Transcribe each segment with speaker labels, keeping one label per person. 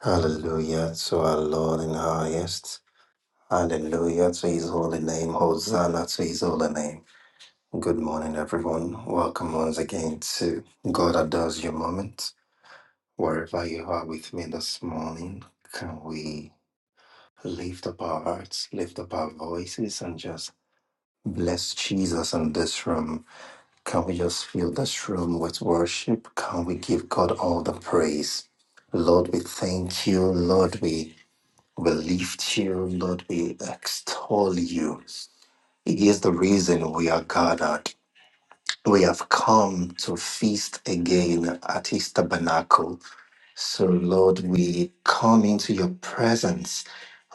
Speaker 1: Hallelujah to our Lord in the highest. Hallelujah to his holy name. Hosanna to his holy name. Good morning, everyone. Welcome once again to God Adores Your Moment. Wherever you are with me this morning, can we lift up our hearts, lift up our voices, and just bless Jesus in this room? Can we just fill this room with worship? Can we give God all the praise? Lord, we thank you. Lord, we We lift you, Lord. We extol you. It is the reason we are gathered. We have come to feast again at His tabernacle. So, Lord, we come into your presence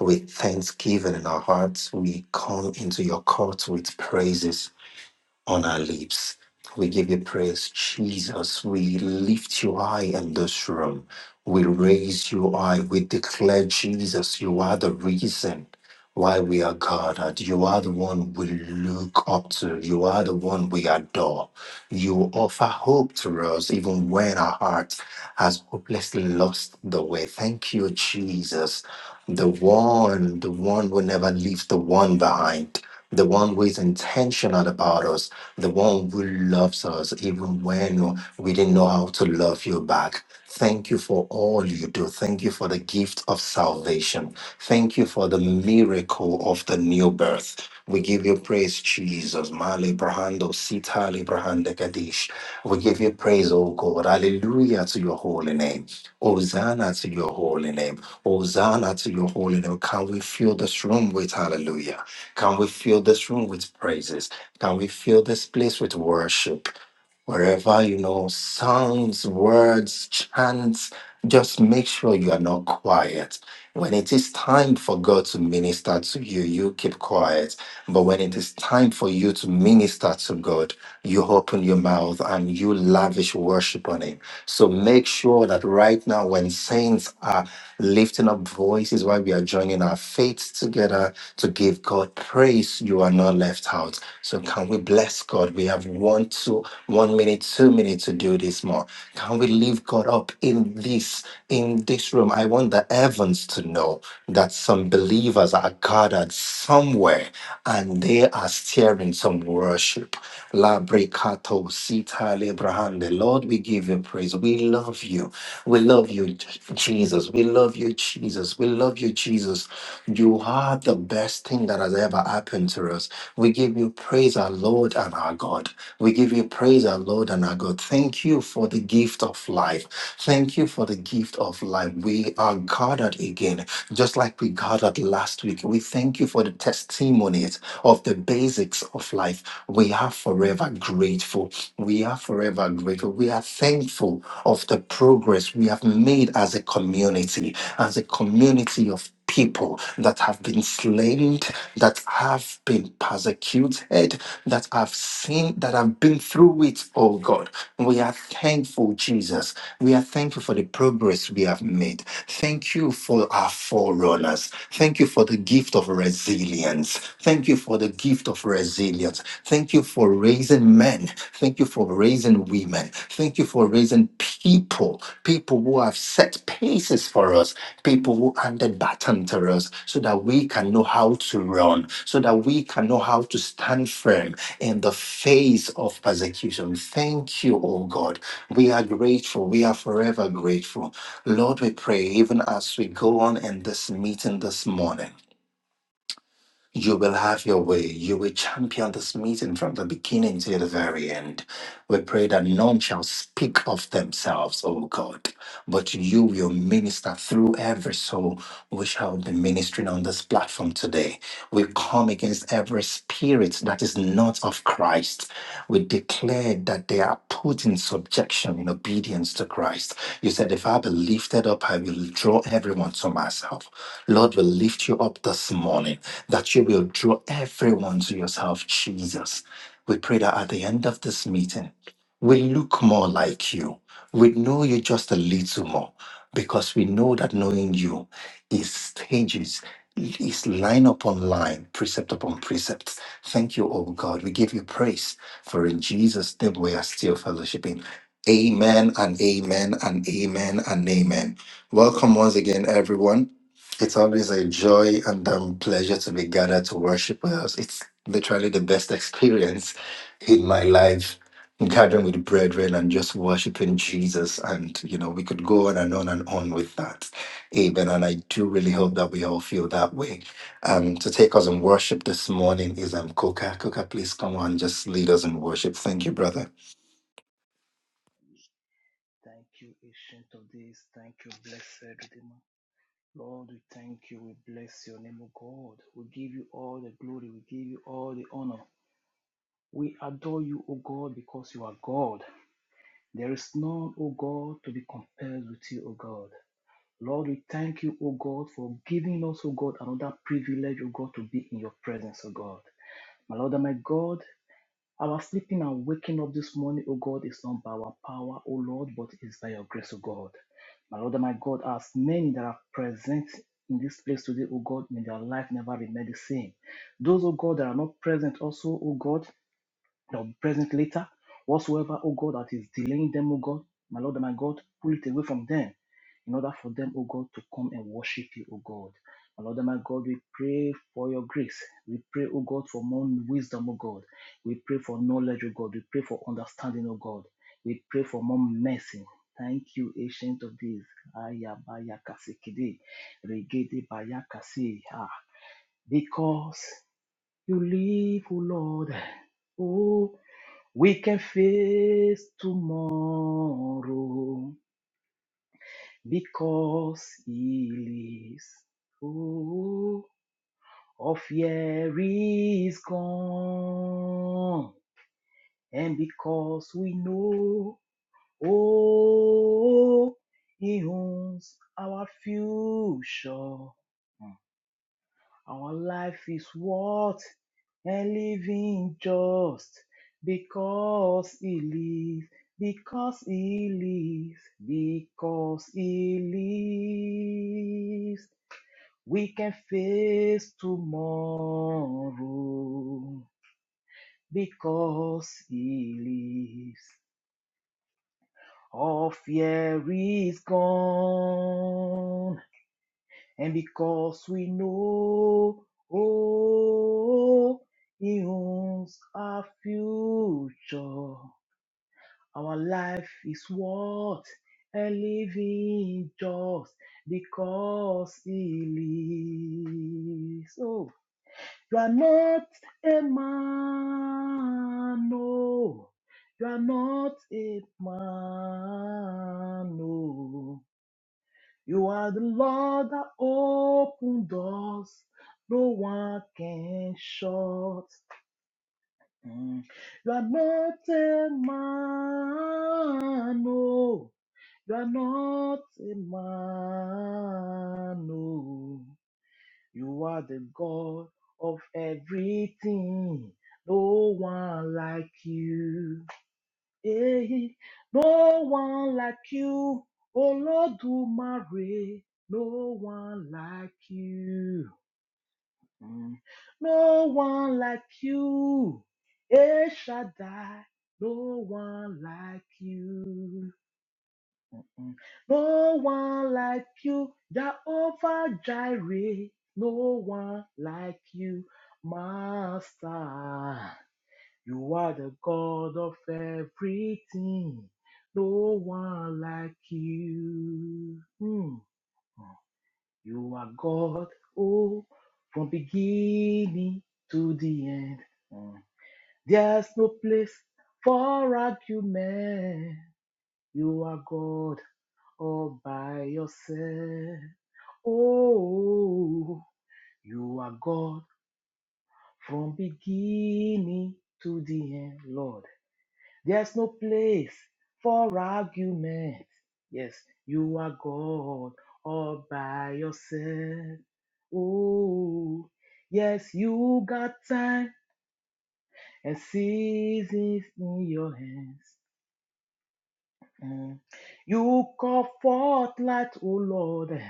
Speaker 1: with thanksgiving in our hearts. We come into your courts with praises on our lips. We give you praise, Jesus. We lift you high in this room. We raise you high. We declare, Jesus, you are the reason why we are gathered. You are the one we look up to. You are the one we adore. You offer hope to us even when our heart has hopelessly lost the way. Thank you, Jesus. The one, the one who never leaves the one behind the one who is intentional about us the one who loves us even when we didn't know how to love you back. Thank you for all you do. Thank you for the gift of salvation. Thank you for the miracle of the new birth. We give you praise, Jesus. Male Brahando, Sita le Brahanda Kadish. We give you praise, O God. Hallelujah to your holy name. Hosanna to your holy name. Hosanna to your holy name. Can we fill this room with hallelujah? Can we fill this room with praises? Can we fill this place with worship? Wherever, you know, sounds, words, chants, just make sure you are not quiet. When it is time for God to minister to you, you keep quiet. But when it is time for you to minister to God, you open your mouth and you lavish worship on Him. So make sure that right now, when saints are lifting up voices while we are joining our faith together to give God praise. You are not left out. So can we bless God? We have one, two, one minute, two minutes to do this more. Can we lift God up in this, in this room? I want the heavens to know that some believers are gathered somewhere and they are stirring some worship La brekato sita lebrahande. Lord, we give you praise. We love you. We love you, J- Jesus. We love you, Jesus. We love you, Jesus. You are the best thing that has ever happened to us. We give you praise, our Lord and our God. We give you praise, our Lord and our God. Thank you for the gift of life. Thank you for the gift of life. We are gathered again just like we gathered last week, we thank you for the testimonies of the basics of life. We are forever grateful. We are forever grateful. We are thankful of the progress we have made as a community, as a community of people that have been slain, that have been persecuted, that have seen, that have been through it, oh God. We are thankful, Jesus. We are thankful for the progress we have made. Thank you for our forerunners. Thank you for the gift of resilience. Thank you for the gift of resilience. Thank you for raising men. Thank you for raising women. Thank you for raising people, people who have set paces for us, people who handed baton to us so that we can know how to run, so that we can know how to stand firm in the face of persecution. Thank you, oh God. We are grateful. We are forever grateful. Lord, we pray even as we go on in this meeting this morning. You will have your way. You will champion this meeting from the beginning to the very end. We pray that none shall speak of themselves, O God, but you will minister through every soul we shall be ministering on this platform today. We come against every spirit that is not of Christ. We declare that they are put in subjection, in obedience to Christ. You said, If I be lifted up, I will draw everyone to myself. Lord, we lift you up this morning that you will draw everyone to yourself, Jesus. We pray that at the end of this meeting, we look more like you. We know you just a little more because we know that knowing you is stages, is line upon line, precept upon precept. Thank you, oh God. We give you praise for in Jesus' name we are still fellowshipping. Amen and amen and amen and amen. Welcome once again, everyone. It's always a joy and um, pleasure to be gathered to worship with us. It's literally the best experience in my life, gathering with brethren and just worshiping Jesus. And, you know, we could go on and on and on with that. Amen. And I do really hope that we all feel that way. Um, to take us in worship this morning is um, Coca. Coca, please come on, just lead us in worship. Thank you, brother.
Speaker 2: Thank you, Ancient of Days. Thank you, Blessed Redeemer. Lord, we thank you. We bless your name, O God. We give you all the glory. We give you all the honor. We adore you, O God, because you are God. There is none, O God, to be compared with you, O God. Lord, we thank you, O God, for giving us, O God, another privilege, O God, to be in your presence, O God. My Lord and my God, our sleeping and waking up this morning, O God, is not by our power, O Lord, but is by your grace, O God. My Lord and my God, as many that are present in this place today, O God, may their life never remain the same. Those, O God, that are not present also, O God, they'll be present later. Whatsoever, oh God, that is delaying them, oh God, my Lord and my God, pull it away from them in order for them, oh God, to come and worship you, oh God. My Lord and my God, we pray for your grace. We pray, oh God, for more wisdom, oh God. We pray for knowledge, oh God. We pray for understanding, oh God. We pray for more mercy. Thank you, ancient of days. Ayabayakasikide, regedebayakasi. Ah, Because you live, oh Lord. Oh, we can face tomorrow because He lives. Oh, all fear is gone, and because we know, oh, He owns our future. Our life is worth a living just because He lives, because He lives, because He lives. We can face tomorrow because He lives. All fear is gone And because we know, oh, He owns our future. Our life is worth a living just because He lives. Oh, you are not a man, no. You are not a man, no. You are the Lord that opened doors no one can shut. Mm. You are not a man, no. You are not a man, no. You are the God of everything. No one like you. Hey, no one like you, Olodumare. No one like you. Mm. No one like you. El Shaddai. No one like you. Mm. No one like you. Jehovah Jireh. No one like you, Master. You are the God of everything. No one like you. Hmm. You are God, oh, from beginning to the end. Mm. There's no place for argument. You are God all by yourself. Oh, you are God from beginning to the end, Lord. There's no place for argument. Yes, you are God all by yourself. Oh, yes, you got time and seasons in your hands. Mm. You call forth light, O Lord,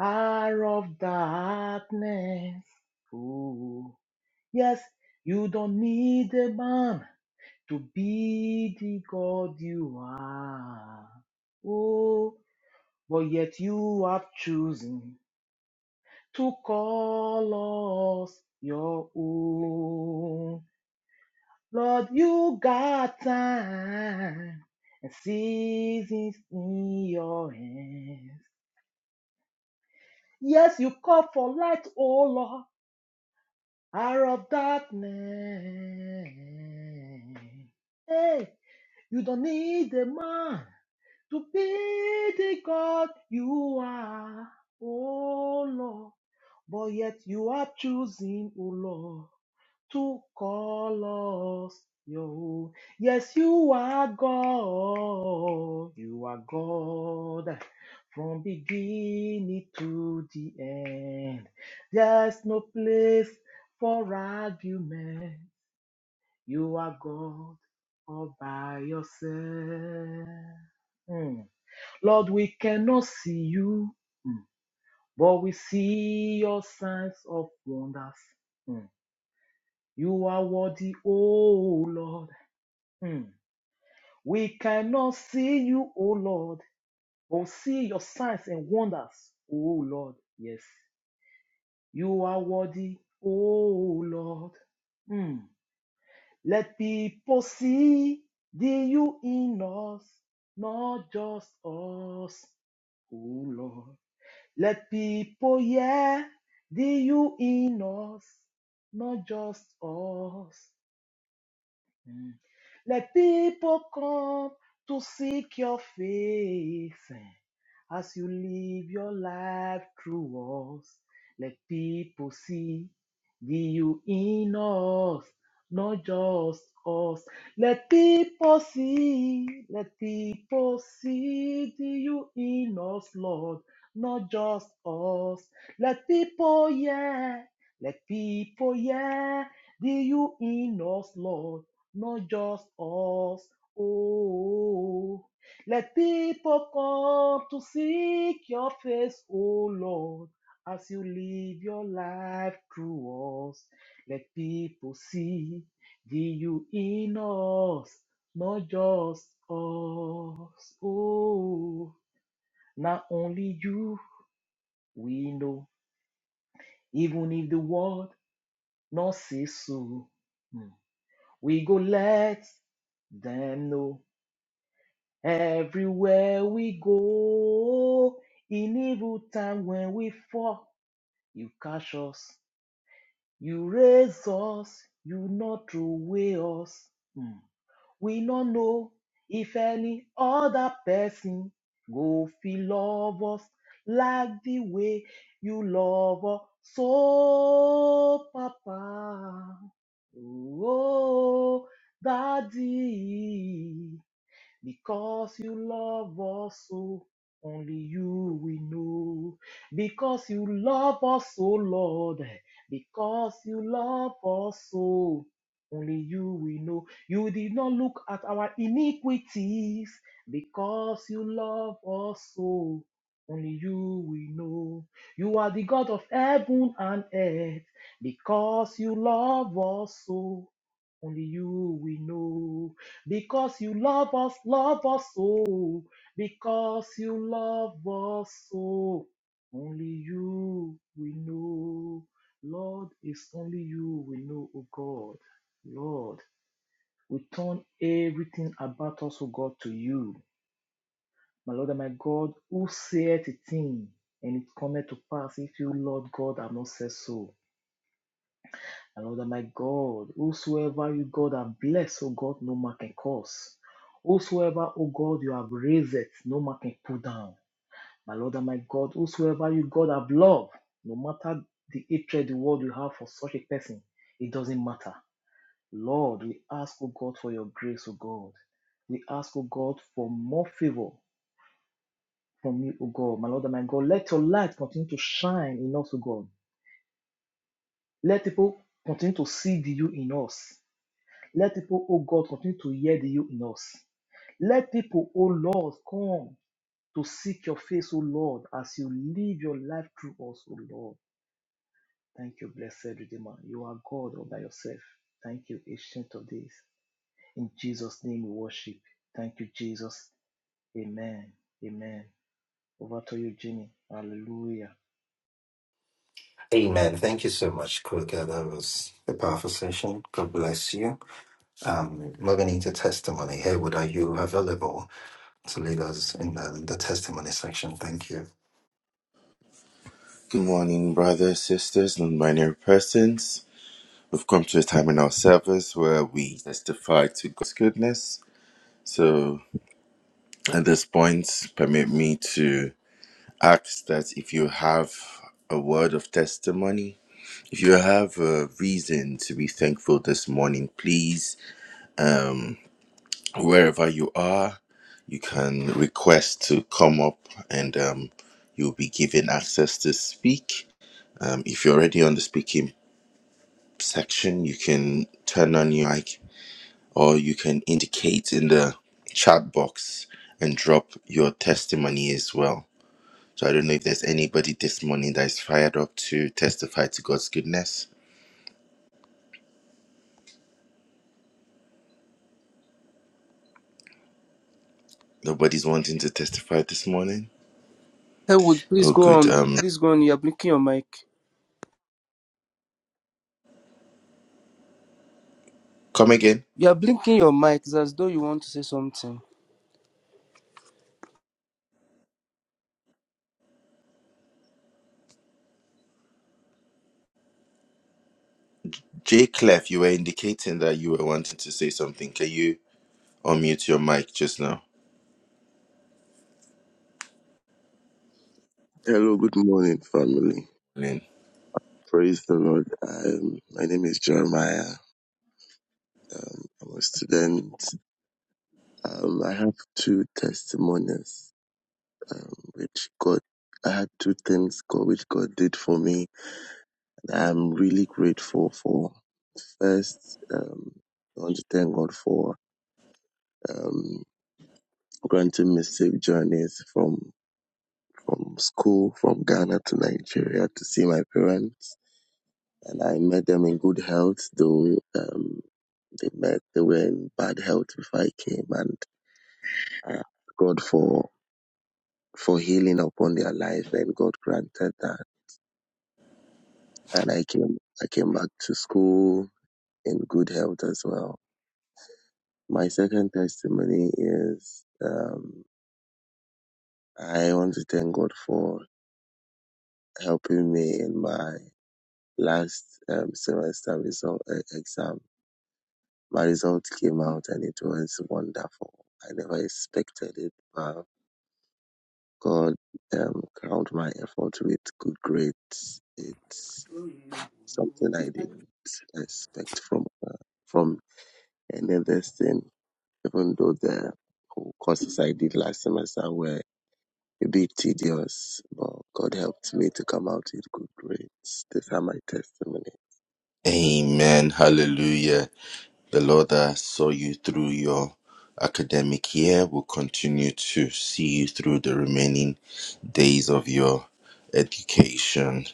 Speaker 2: out of darkness. Oh, yes, you don't need a man to be the God you are. Oh, but yet you have chosen to call us your own. Lord, you got time and seasons in your hands. Yes, you call for light, oh Lord, out of darkness. Hey, you don't need a man to be the God you are, oh Lord. But yet you are choosing, oh Lord, to call us your own. Yes, you are God. You are God from beginning to the end. There's no place for argument. You are God all by yourself. Mm. Lord, we cannot see you, mm, but we see your signs of wonders. Mm. You are worthy, oh Lord. Mm. We cannot see you, oh Lord, but see your signs and wonders, oh Lord. Yes, you are worthy, oh Lord. Mm. Let people see the you in us, not just us, oh Lord. Let people hear the you in us, not just us. Mm. Let people come to seek your face eh, as you live your life through us. Let people see the you in us, not just us. Let people see, let people see the you in us, Lord, not just us. Let people hear, let people hear the you in us, Lord not just us. Oh, let people come to seek your face, oh Lord, as you live your life through us. Let people see the you in us, not just us. Oh, now only you we know, even if the world not say so. Hmm. We go let them know Everywhere we go, in evil time when we fall, you catch us, you raise us, you not throw away us. Hmm. We not know if any other person go feel love us like the way you love us. So, Papa, oh, Daddy. Because you love us so, only you we know. Because you love us so, Lord. Because you love us so, only you we know. You did not look at our iniquities. Because you love us so, only you we know. You are the God of heaven and earth. Because you love us so, only you we know. Because you love us, love us so. Because you love us so. Only you we know. Lord, it's only you we know, O God. Lord, we turn everything about us, O God, to you. My Lord and my God, who saith a thing and it cometh to pass if you, Lord God, have not said so? And Lord, my God, whosoever you, God, have blessed, oh God, no man can curse. Whosoever, oh God, you have raised, no man can put down. My Lord and my God, whosoever you, God, have loved, no matter the hatred the world you have for such a person, it doesn't matter. Lord, we ask, O God, for your grace, O God. We ask, O God, for more favor from you, O God. My Lord and my God, let your light continue to shine in us, O God. Let people continue to see the you in us. Let people, oh God, continue to hear the you in us. Let people, oh Lord, come to seek your face, oh Lord, as you live your life through us, oh Lord. Thank you, blessed Redeemer. You are God all by yourself. Thank you, Ancient of Days. In Jesus' name we worship. Thank you, Jesus. Amen. Amen. Over to you, Jimmy. Hallelujah.
Speaker 1: Amen. Thank you so much, Coca. That was a powerful session. God bless you. Um, we're going to testimony. Haywood, are you available to lead us in the, the testimony section? Thank you.
Speaker 3: Good morning, brothers, sisters, non-binary persons. We've come to a time in our service where we testify to God's goodness. So at this point, permit me to ask that if you have a word of testimony, if you have a reason to be thankful this morning, please, um, wherever you are, you can request to come up and um, you'll be given access to speak. Um, if you're already on the speaking section, you can turn on your mic or you can indicate in the chat box and drop your testimony as well. So I don't know if there's anybody this morning that is fired up to testify to God's goodness. Nobody's wanting to testify this morning.
Speaker 4: would please
Speaker 3: Oh,
Speaker 4: go
Speaker 3: good.
Speaker 4: on.
Speaker 3: Um,
Speaker 4: Please go on. You are blinking your mic.
Speaker 3: come again.
Speaker 4: You are blinking your mic. It's as though you want to say something.
Speaker 3: Jay Clef, you were indicating that you were wanting to say something. Can you unmute your mic just now?
Speaker 5: Hello, good morning, family. Praise the Lord. Um, my name is Jeremiah. Um, I'm a student. Um, I have two testimonies, um, which God, I had two things God, which God did for me. that I'm really grateful for. First, um, I want to thank God for um, granting me safe journeys from from school, from Ghana to Nigeria to see my parents. And I met them in good health, though. Um, They met. They were in bad health before I came, and I asked God for for healing upon their life, and God granted that. And I came. I came back to school in good health as well. My second testimony is um, I want to thank God for helping me in my last um, semester result uh, exam. My result came out, and it was wonderful. I never expected it, but. God um, crowned my effort with good grades. It's something I didn't expect from uh, from any other thing, even though the whole courses I did last semester were a bit tedious, but God helped me to come out with good grades. These are my testimony.
Speaker 3: Amen. Hallelujah. The Lord that saw you through your academic year will continue to see you through the remaining days of your education.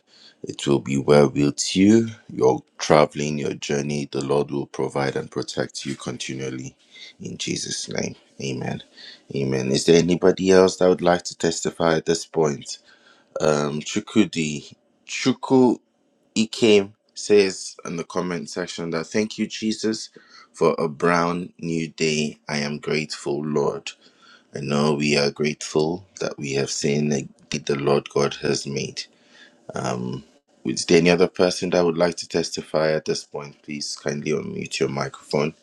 Speaker 3: It will be well with you. Your traveling, your journey, the Lord will provide and protect you continually. In Jesus' name, amen. Amen. Is there anybody else that would like to testify at this point? Um, Chukudi, Chuku Ikem says in the comment section that thank you, Jesus, for a brown new day. I am grateful, Lord. I know we are grateful that we have seen the the Lord God has made. Um, is there any other person that would like to testify at this point? Please kindly unmute your microphone.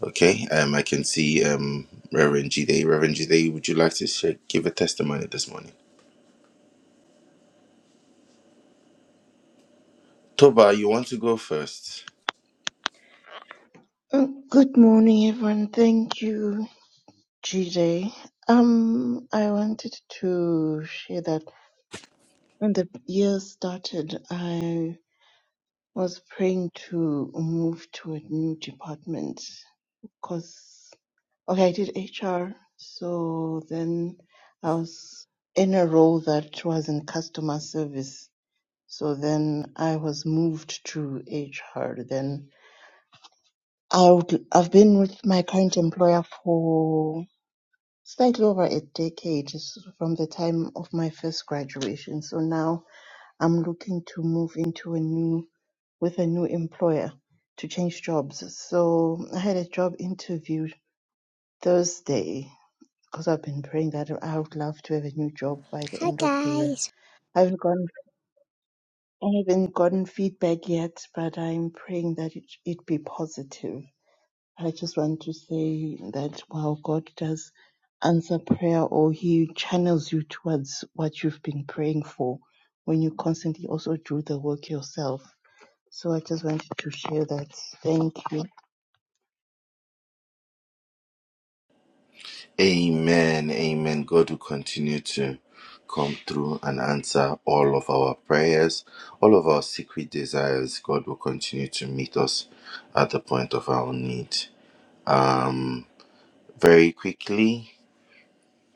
Speaker 3: Okay, um, I can see um, Reverend Jide. Reverend Jide, would you like to share, give a testimony this morning? Toba, you want to go first?
Speaker 6: Mm, Good morning, everyone. Thank you, GJ. Um, I wanted to share that when the year started, I was praying to move to a new department because, okay, I did HR, so then I was in a role that was in customer service. So then I was moved to HR. Then I would, I've been with my current employer for slightly over a decade s- from the time of my first graduation. So now I'm looking to move into a new with a new employer to change jobs. So I had a job interview Thursday because I've been praying that I would love to have a new job by the
Speaker 7: Hi
Speaker 6: end of the year.
Speaker 7: guys.
Speaker 6: I haven't gotten I haven't gotten feedback yet, but I'm praying that it it be positive. I just want to say that while God does answer prayer or He channels you towards what you've been praying for, when you constantly also do the work yourself. So I just wanted to share that. Thank you.
Speaker 3: Amen. Amen. God will continue to come through and answer all of our prayers, all of our secret desires. God will continue to meet us at the point of our need. Um, very quickly.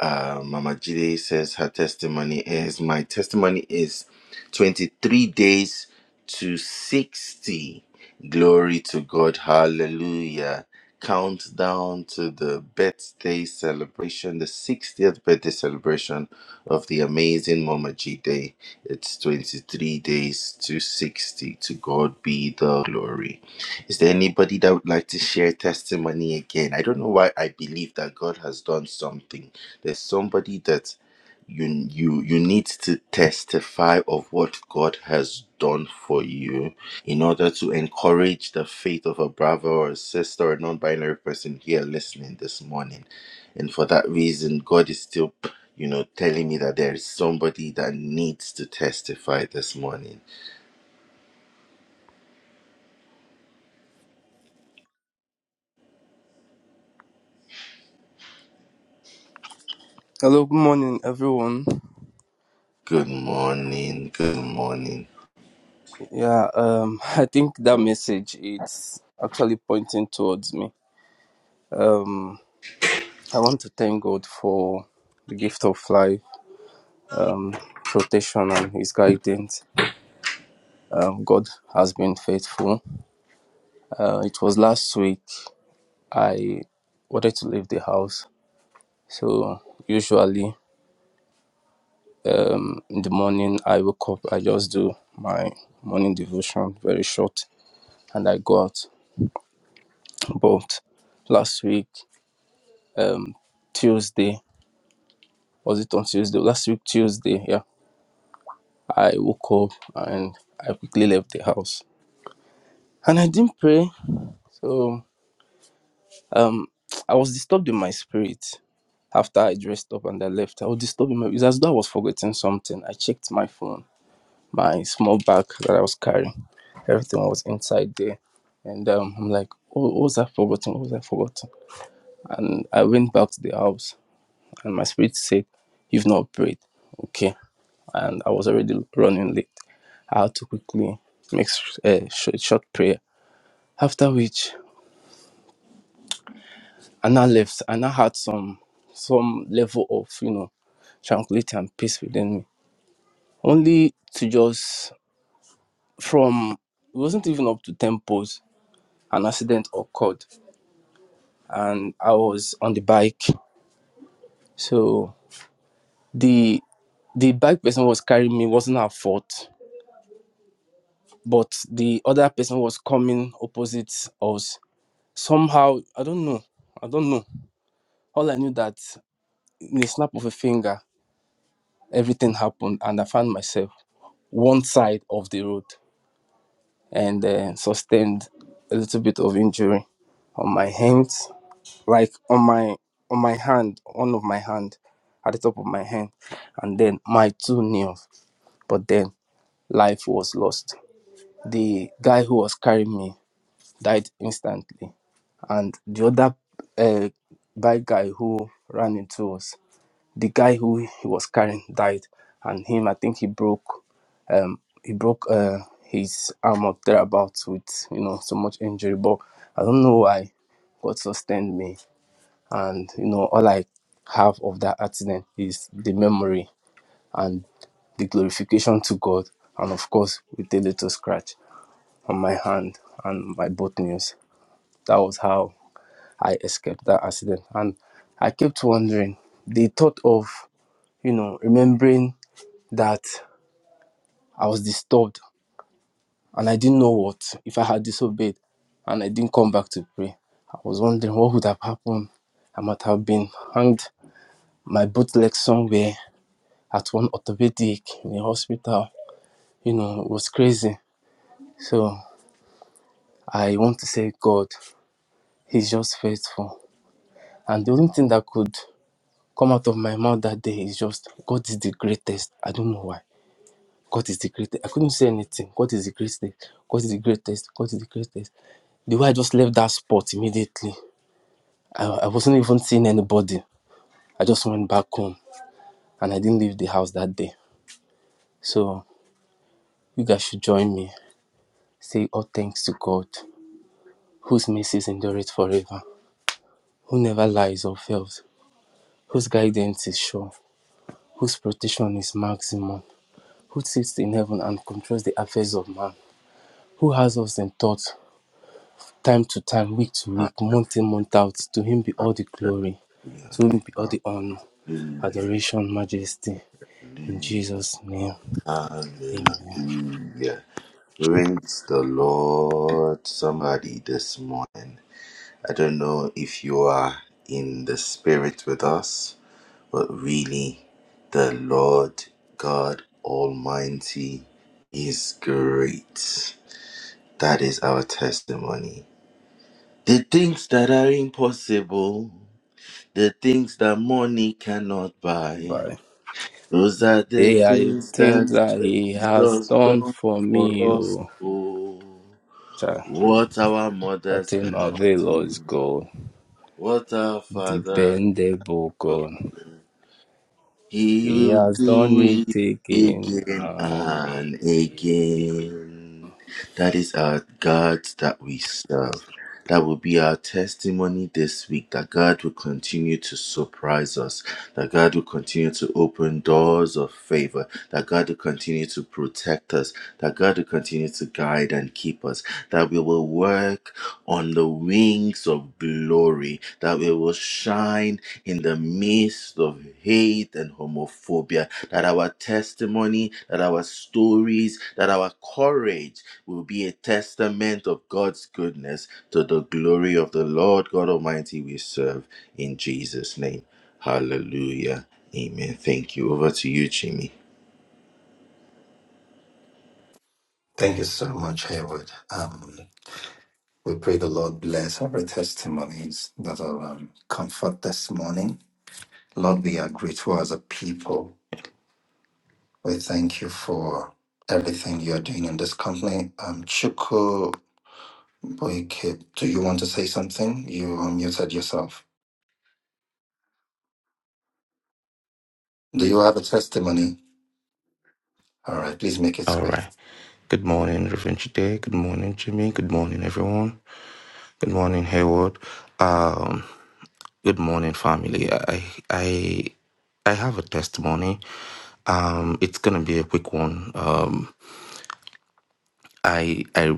Speaker 3: Uh, Mama Jide says her testimony is my testimony is 23 days to 60. Glory to God. Hallelujah. Countdown to the birthday celebration, the 60th birthday celebration of the amazing Mama Jide. It's 23 days to 60. To God be the glory. Is there anybody that would like to share testimony again? I don't know why I believe that God has done something there's somebody that you you you need to testify of what God has done for you in order to encourage the faith of a brother or a sister or a non-binary person here listening this morning. And for that reason, God is still you know telling me that there is somebody that needs to testify this morning.
Speaker 4: Hello, good morning, everyone.
Speaker 3: Good morning. Good morning.
Speaker 4: Yeah, um, I think that message it's actually pointing towards me. Um, I want to thank God for the gift of life, um, protection, and His guidance. Um, God has been faithful. Uh, it was last week I wanted to leave the house, so usually. in the morning i wake up i just do my morning devotion very short and i go out but last week um tuesday was it on tuesday last week tuesday yeah i woke up and i quickly left the house and i didn't pray so um i was disturbed in my spirit after i dressed up and i left i was disturbed in my it's as though i was forgetting something i checked my phone my small bag that I was carrying. Everything was inside there. And um, I'm like, oh, what was I forgotten? What was I forgotten? And I went back to the house, and my spirit said, You've not prayed. Okay. And I was already running late. I had to quickly make a short, short prayer. After which, I now left. I now had some some level of, you know, tranquility and peace within me. Only to just, from, it wasn't even up to 10 posts, an accident occurred and I was on the bike. So the the bike person was carrying me wasn't her fault, but the other person was coming opposite us. Somehow, I don't know. I don't know. All I knew that in a snap of a finger, everything happened, and I found myself one side of the road and uh, sustained a little bit of injury on my hands, like on my on my hand, one of my hand, at the top of my hand, and then my two nails but then life was lost. The guy who was carrying me died instantly, and the other uh, bike guy who ran into us, the guy who he was carrying died, and him I think he broke, um, he broke uh, his arm up thereabouts with you know so much injury, but I don't know why God sustained me, and you know all I have of that accident is the memory and the glorification to God, and of course, with a little scratch on my hand and my both knees. That was how I escaped that accident. And I kept wondering the thought of, you know, remembering that I was disturbed and I didn't know what if I had disobeyed and I didn't come back to pray. I was wondering what would have happened. I might have been hanged, my both legs somewhere at one orthopedic in the hospital. You know, it was crazy. So I want to say God, He's just faithful. And the only thing that could come out of my mouth that day is just, God is the greatest. I don't know why. God is the greatest. I couldn't say anything. God is the greatest. God is the greatest. God is the greatest. The way I just left that spot immediately, I, I wasn't even seeing anybody. I just went back home and I didn't leave the house that day. So you guys should join me. Say all thanks to God, whose mercies endure it forever, who never lies or fails, whose guidance is sure whose protection is maximum, who sits in heaven and controls the affairs of man, who has us in thought, time to time, week to week, month in, month out. To him be all the
Speaker 3: Hallelujah.
Speaker 4: glory, to him be all the honor,
Speaker 3: Hallelujah.
Speaker 4: adoration, majesty. In
Speaker 3: Hallelujah.
Speaker 4: Jesus' name, amen.
Speaker 3: Hallelujah. Praise the Lord, somebody this morning. I don't know if you are in the spirit with us, but really, the Lord God Almighty is great. That is our testimony. The things that are impossible, the things that money cannot buy,
Speaker 4: Bye.
Speaker 3: Those are the
Speaker 4: Hey, I
Speaker 3: things
Speaker 4: things
Speaker 3: that
Speaker 4: that he has
Speaker 3: Jesus
Speaker 4: done
Speaker 3: done
Speaker 4: for me,
Speaker 3: for us.
Speaker 4: oh,
Speaker 3: Oh,
Speaker 4: child.
Speaker 3: what our mothers
Speaker 4: Nothing
Speaker 3: cannot do,
Speaker 4: avails God,
Speaker 3: what our fathers.
Speaker 4: dependable
Speaker 3: cannot
Speaker 4: God.
Speaker 3: do. He
Speaker 4: He
Speaker 3: will
Speaker 4: has done
Speaker 3: do
Speaker 4: it
Speaker 3: it
Speaker 4: again
Speaker 3: again
Speaker 4: and
Speaker 3: and
Speaker 4: again.
Speaker 3: again. That is our God that we serve. That will be our testimony this week that God will continue to surprise us, that God will continue to open doors of favor, that God will continue to protect us, that God will continue to guide and keep us, that we will work on the wings of glory, that we will shine in the midst of hate and homophobia, that our testimony, that our stories, that our courage will be a testament of God's goodness to the glory of the Lord God Almighty we serve in Jesus' name. Hallelujah. Amen. Thank you. Over to you, Jimmy.
Speaker 1: Thank you so much, Haywood. Um, we pray the Lord bless every testimonies that are um, comfort this morning. Lord, we are grateful as a people. We thank you for everything you are doing in this company. Um, Chuku Boyke, do you want to say something? You unmuted yourself. Do you have a testimony? All right, please make it
Speaker 8: All
Speaker 1: quick.
Speaker 8: right. Good morning, Reverend Today. Good morning, Jimmy. Good morning, everyone. Good morning, Hayward. Um, good morning, family. I I I have a testimony. Um, it's gonna be a quick one. Um, I I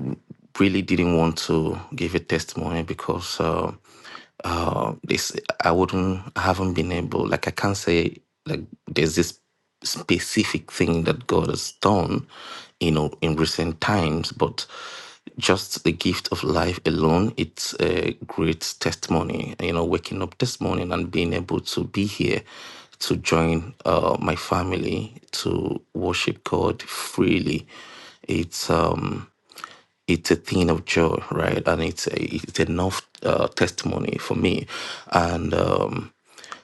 Speaker 8: really didn't want to give a testimony because uh, uh, this I wouldn't I haven't been able like I can't say like there's this specific thing that God has done, you know, in recent times, but just the gift of life alone, it's a great testimony. You know, waking up this morning and being able to be here to join uh, my family to worship God freely it's um, it's a thing of joy, right? And it's a, it's enough uh, testimony for me. And um,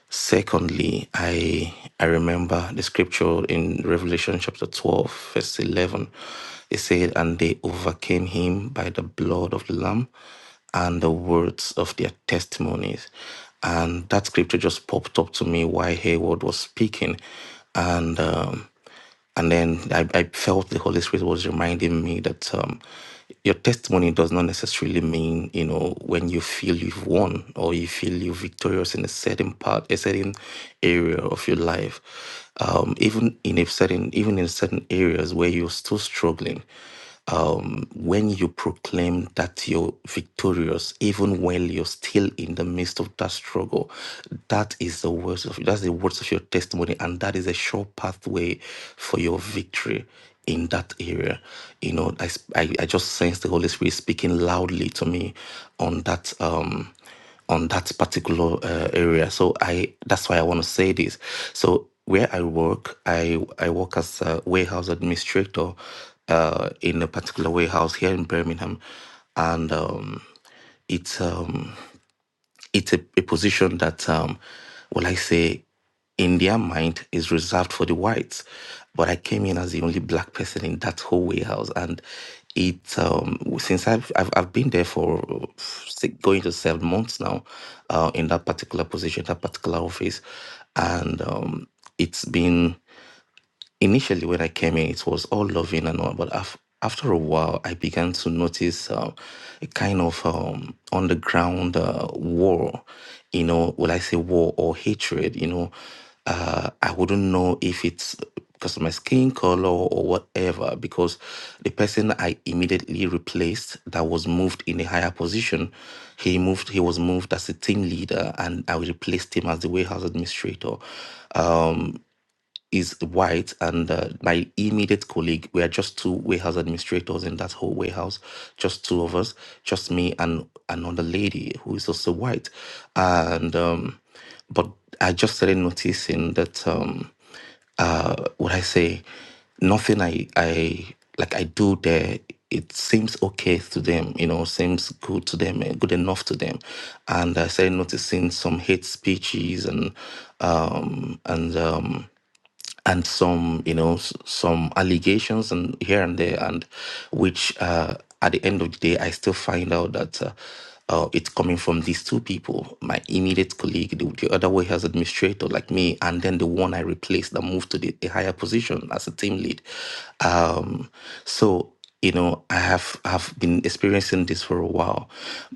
Speaker 8: secondly, I I remember the scripture in Revelation chapter twelve, verse eleven. It said, "And they overcame him by the blood of the Lamb." and the words of their testimonies. And that scripture just popped up to me while Hayward was speaking. And um, and then I, I felt the Holy Spirit was reminding me that um, your testimony does not necessarily mean, you know, when you feel you've won or you feel you're victorious in a certain part, a certain area of your life. Um, even in a certain, even in certain areas where you're still struggling, um, when you proclaim that you're victorious, even while you're still in the midst of that struggle, that is the words of that's the words of your testimony, and that is a sure pathway for your victory in that area. You know, I I I just sense the Holy Spirit speaking loudly to me on that um on that particular uh, area. So I that's why I want to say this. So where I work, I I work as a warehouse administrator uh, in a particular warehouse here in Birmingham, and um, it's um, it's a, a position that, um, well, I say, in their mind is reserved for the whites. But I came in as the only black person in that whole warehouse, and it um, since I've, I've I've been there for six, going to seven months now, uh, in that particular position, that particular office, and um, it's been initially when I came in, it was all loving and all, but af- after a while, I began to notice uh, a kind of um, underground uh, war. You know, will I say war or hatred? You know, uh, I wouldn't know if it's because of my skin color or whatever. Because the person I immediately replaced that was moved in a higher position, he moved. He was moved as a team leader, and I replaced him as the warehouse administrator is white, and uh, my immediate colleague, we are just two warehouse administrators in that whole warehouse, just two of us, just me and another lady who is also white. And, um, but I just started noticing that, um, uh, what I say, nothing I, I, like I do there, it seems okay to them, you know, seems good to them, eh, good enough to them. And I started noticing some hate speeches and, um, and, um, and some you know s- some allegations and here and there and which uh, at the end of the day i still find out that uh, uh, it's coming from these two people my immediate colleague the, the other warehouse administrator like me and then the one i replaced that moved to the, a higher position as a team lead um, so you know i have have been experiencing this for a while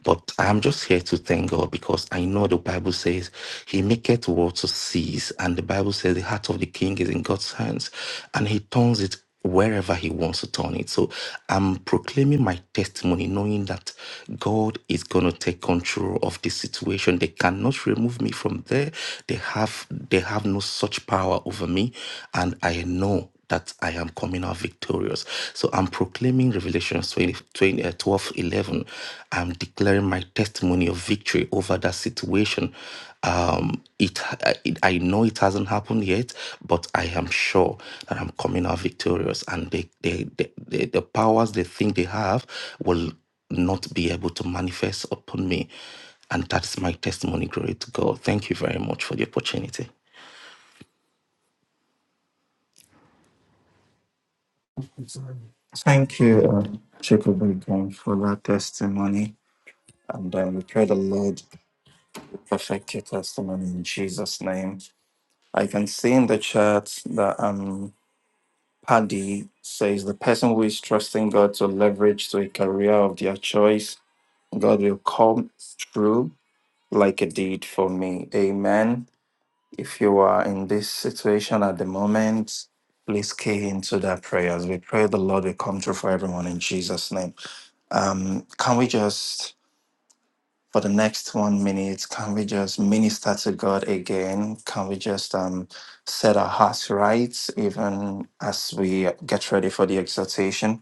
Speaker 8: but i'm just here to thank god because i know the bible says he maketh war to cease and the bible says the heart of the king is in god's hands and he turns it wherever he wants to turn it so i'm proclaiming my testimony knowing that god is going to take control of this situation they cannot remove me from there they have they have no such power over me and i know that I am coming out victorious. So I'm proclaiming Revelations 20, uh, I'm declaring my testimony of victory over that situation. Um, it, I- it, I know it hasn't happened yet, but I am sure that I'm coming out victorious. And they, they, they, they, the powers they think they have will not be able to manifest upon me. And that's my testimony. Glory to God. Thank you very much for the opportunity.
Speaker 1: Thank you, um, Jacob, again for that testimony. And um, we pray the Lord to perfect your testimony in Jesus' name. I can see in the chat that um, Paddy says the person who is trusting God to leverage to a career of their choice, God will come through like a deed for me. Amen. If you are in this situation at the moment, please key into that prayer. As we pray, the Lord will come true for everyone in Jesus' name. Um, can we just, for the next one minute, can we just minister to God again? Can we just um, set our hearts right, even as we get ready for the exhortation?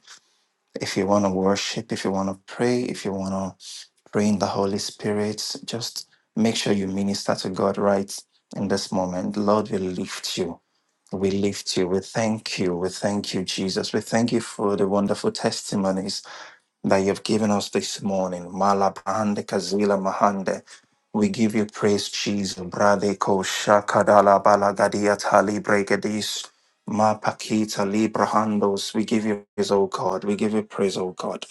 Speaker 1: If you want to worship, if you want to pray, if you want to pray in the Holy Spirit, just make sure you minister to God right in this moment. Lord, we lift you. We lift you. We thank you. We thank you, Jesus. We thank you for the wonderful testimonies that you have given us this morning. Malabande Kazila Mahande. We give you praise, Jesus. Brade ko shakadala balagadia tali bregadis. Ma pakita librahandos. We give you praise, O God. We give you praise, O God.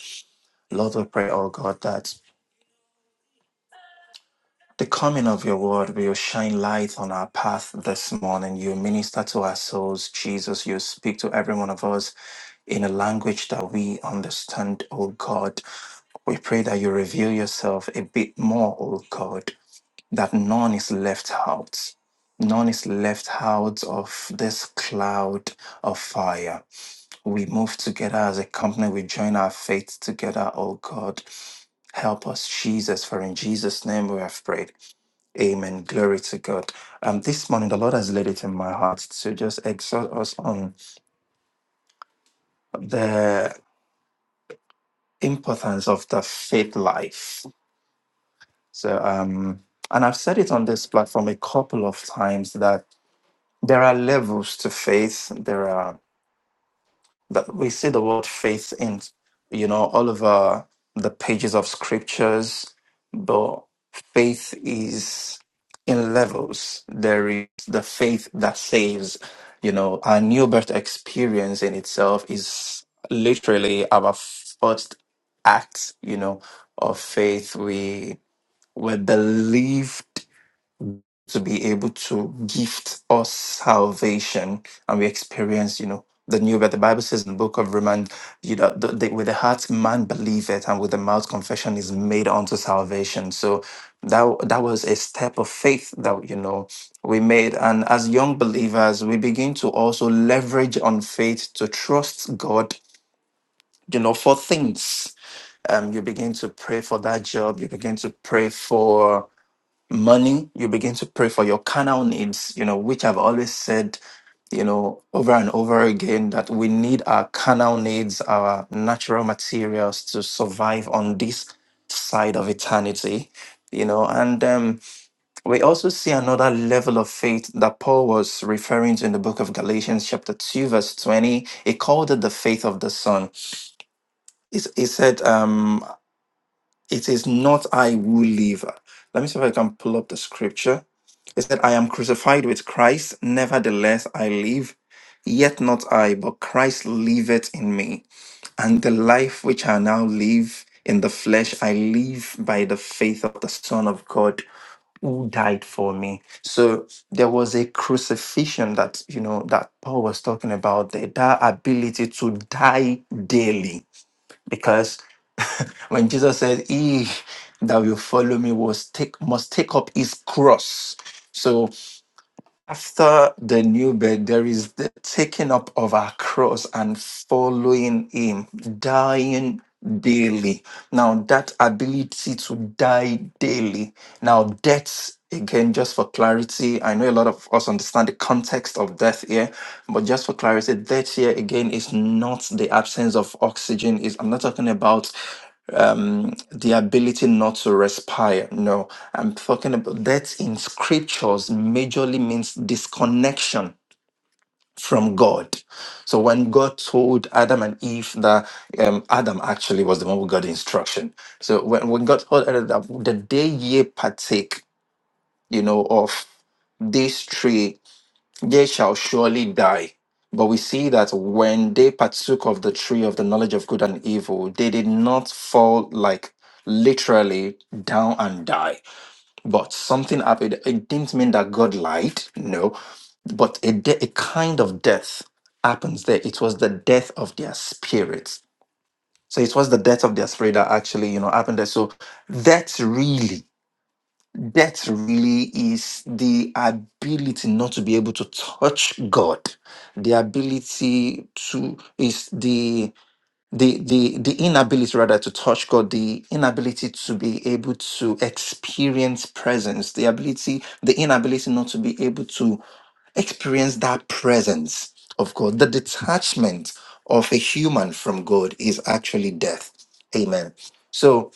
Speaker 1: Lord, we pray, O God, that the coming of your word will shine light on our path this morning. You minister to our souls, Jesus. You speak to every one of us in a language that we understand, O God. We pray that you reveal yourself a bit more, oh God, that none is left out. None is left out of this cloud of fire. We move together as a company. We join our faith together, oh God. Help us, Jesus, for in Jesus' name we have prayed. Amen. Glory to God. Um, this morning, the Lord has laid it in my heart to just exhort us on the importance of the faith life So, um, and I've said it on this platform a couple of times that there are levels to faith. There are that we see the word faith in, you know, all over the pages of scriptures, but faith is in levels. There is the faith that saves. You know, our new birth experience in itself is literally our first act, you know, of faith. We were believed to be able to gift us salvation and we experience you know the new but the bible says in the book of romans you know the, the- with the heart man believeth and with the mouth confession is made unto salvation so that that was a step of faith that you know we made and as young believers we begin to also leverage on faith to trust god you know for things um, you begin to pray for that job you begin to pray for Money, you begin to pray for your carnal needs, you know, which I've always said, you know, over and over again that we need our carnal needs, our natural materials to survive on this side of eternity, you know. And um, we also see another level of faith that Paul was referring to in the book of Galatians, chapter 2, verse 20. He called it the faith of the Son. He, s- he said, um, it is not I who live. Let me see if I can pull up the scripture. It said, I am crucified with Christ, nevertheless I live, yet not I, but Christ liveth in me. And the life which I now live in the flesh, I live by the faith of the Son of God who died for me. So there was a crucifixion that, you know, that Paul was talking about, there, that ability to die daily because when Jesus said, "He that will follow me was take must take up his cross," so after the new birth, there is the taking up of our cross and following Him, dying daily. Now, that ability to die daily. Now, death, again, just for clarity, I know a lot of us understand the context of death here, but just for clarity, death here, again, is not the absence of oxygen. Is I'm not talking about um, the ability not to respire. No, I'm talking about that in scriptures majorly means disconnection from God. So when God told Adam and Eve that um, Adam actually was the one who got the instruction. So when, when God told Adam that the day ye partake, you know, of this tree they shall surely die. But we see that when they partook of the tree of the knowledge of good and evil, they did not fall like literally down and die. But something happened. It didn't mean that God lied, no, but a, de- a kind of death happens there. It was the death of their spirits. So it was the death of their spirit that actually, you know, happened there. So that's really Death really is the ability not to be able to touch God. The ability to is the the the the inability rather to touch God, the inability to be able to experience presence, the ability, the inability not to be able to experience that presence of God. The detachment of a human from God is actually death. Amen. So.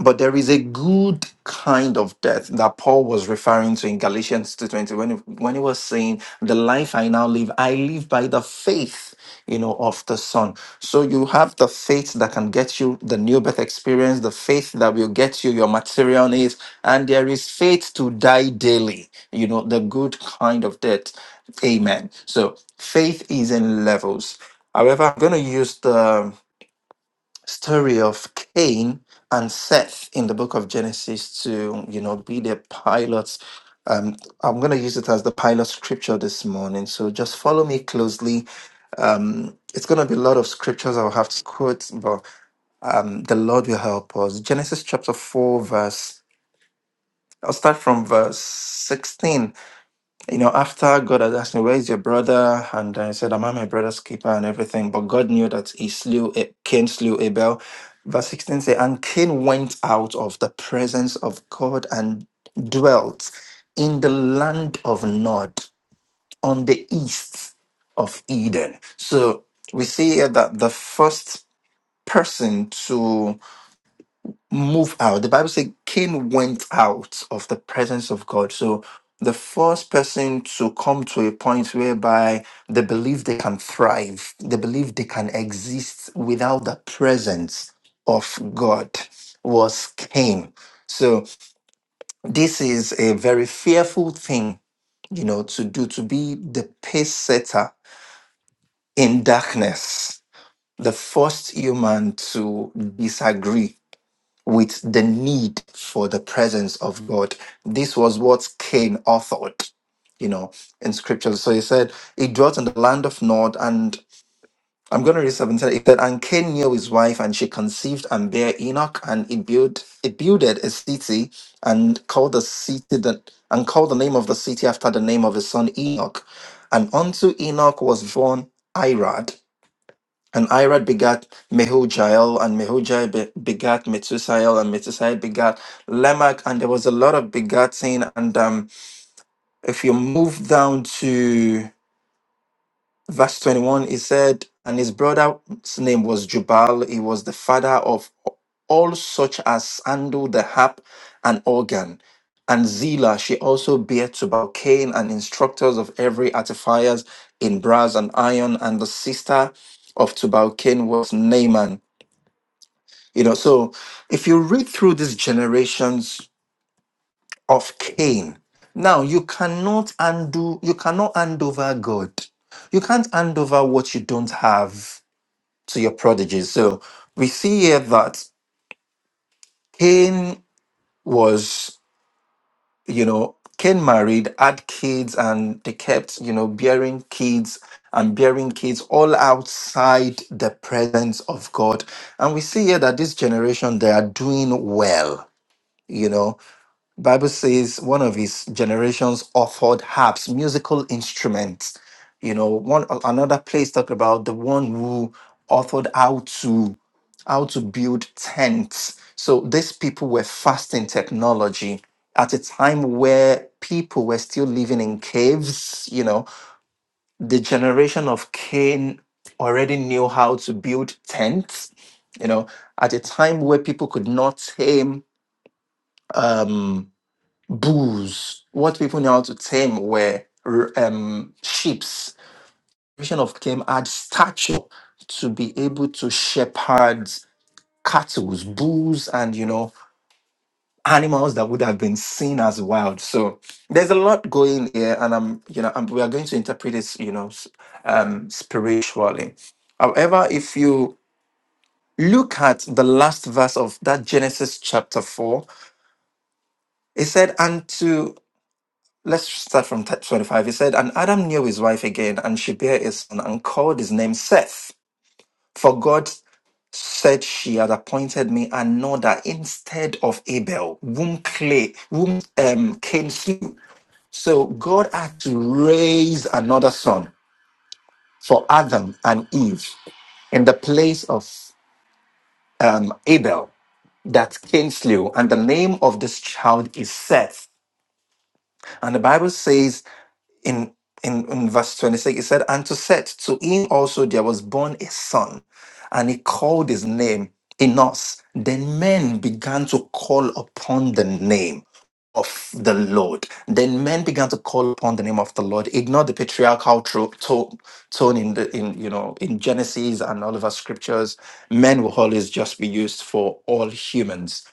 Speaker 1: But there is a good kind of death that Paul was referring to in Galatians 2.20 when, he- when he was saying, the life I now live, I live by the faith, you know, of the Son. So you have the faith that can get you the new birth experience, the faith that will get you your material needs, and there is faith to die daily, you know, the good kind of death. Amen. So faith is in levels. However, I'm going to use the story of Cain and Seth in the book of Genesis to, you know, be the pilots. Um, I'm going to use it as the pilot scripture this morning. So just follow me closely. Um, it's going to be a lot of scriptures I'll have to quote, but um, the Lord will help us. Genesis chapter 4, verse, I'll start from verse 16 you know, after God had asked me, Where is your brother? And I said, I'm at my brother's keeper and everything. But God knew that he slew A- Cain slew Abel. Verse 16 says, And Cain went out of the presence of God and dwelt in the land of Nod on the east of Eden. So we see here that the first person to move out. The Bible says Cain went out of the presence of God. So the first person to come to a point whereby they believe they can thrive, they believe they can exist without the presence of God was Cain. So this is a very fearful thing, you know, to do, to be the pace setter in darkness. The first human to disagree with the need for the presence of God. This was what Cain authored, you know, in scriptures. So he said, He dwelt in the land of Nod, and I'm going to read 17. It said, And Cain knew his wife, and she conceived and bare Enoch, and it built it builded a city and called the city that and called the name of the city after the name of his son Enoch. And unto Enoch was born Irad, and Irad begat Mehujael, and Mehujael be- begat Methusael, and Methusael begat Lamech. And there was a lot of begatting. And um, if you move down to verse 21, it said, And his brother's name was Jubal. He was the father of all such as sandal, the harp, and organ. And Zillah, she also bare to Cain and instructors of every artificers in brass and iron. And the sister of Tubal Cain was Naaman. You know, so if you read through these generations of Cain, now you cannot undo, you cannot hand over God. You can't hand over what you don't have to your prodigies. So we see here that Cain was, you know, Cain married, had kids, and they kept, you know, bearing kids and bearing kids all outside the presence of God. And we see here that this generation, they are doing well, you know Bible says one of his generations offered harps, musical instruments. You know, one another place talked about the one who authored how to how to build tents. So these people were fasting technology at a time where people were still living in caves. You know, the generation of Cain already knew how to build tents. You know, at a time where people could not tame. Um, bulls, what people knew how to tame were r- um, sheeps. Vision of Cain had stature to be able to shepherd cattle, bulls, and you know animals that would have been seen as wild. So there's a lot going here, and I'm you know i we are going to interpret this you know s- um, spiritually. However, if you look at the last verse of that Genesis chapter four, it said, "Unto." Let's start from t- 25. He said, And Adam knew his wife again, and she bare a son, and called his name Seth. For God said, She had appointed me another instead of Abel, whom, clay, whom um, Cain slew. So God had to raise another son for Adam and Eve in the place of um, Abel that Cain slew. And the name of this child is Seth. And the Bible says, in in, in verse 26 it said and to set to him also there was born a son and he called his name enos then men began to call upon the name of the Lord. Then men began to call upon the name of the Lord. Ignore the patriarchal tro- to- tone in the in you know in Genesis and all of our scriptures. Men will always just be used for all humans.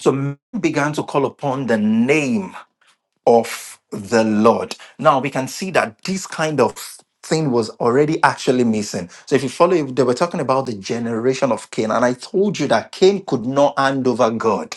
Speaker 1: So men began to call upon the name of the Lord. Now we can see that this kind of thing was already actually missing. So if you follow, if they were talking about the generation of Cain, and I told you that Cain could not hand over God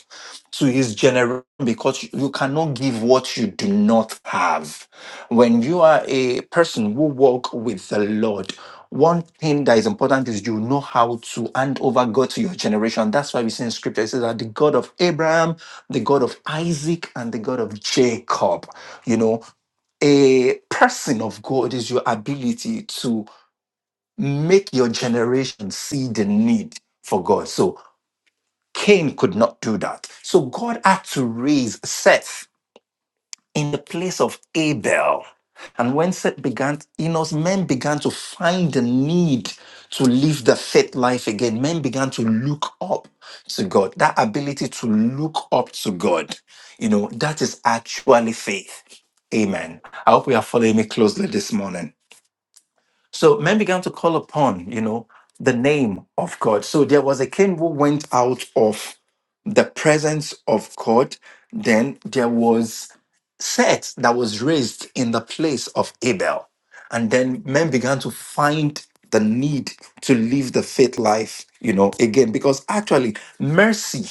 Speaker 1: to his generation because you cannot give what you do not have. When you are a person who walk with the Lord, one thing that is important is you know how to hand over God to your generation. That's why we see in scripture it says that the God of Abraham the God of Isaac and the God of Jacob. You know, a person of God is your ability to make your generation see the need for God. So Cain could not do that. So God had to raise Seth in the place of Abel. And when Seth began, Enos, men began to find the need to live the faith life again. Men began to look up to God. That ability to look up to God, you know, that is actually faith. Amen. I hope we are following me closely this morning. So men began to call upon, you know, the name of God. So there was a king who went out of the presence of God, then there was Seth that was raised in the place of Abel. And then men began to find the need to live the faith life, you know, again, because actually mercy,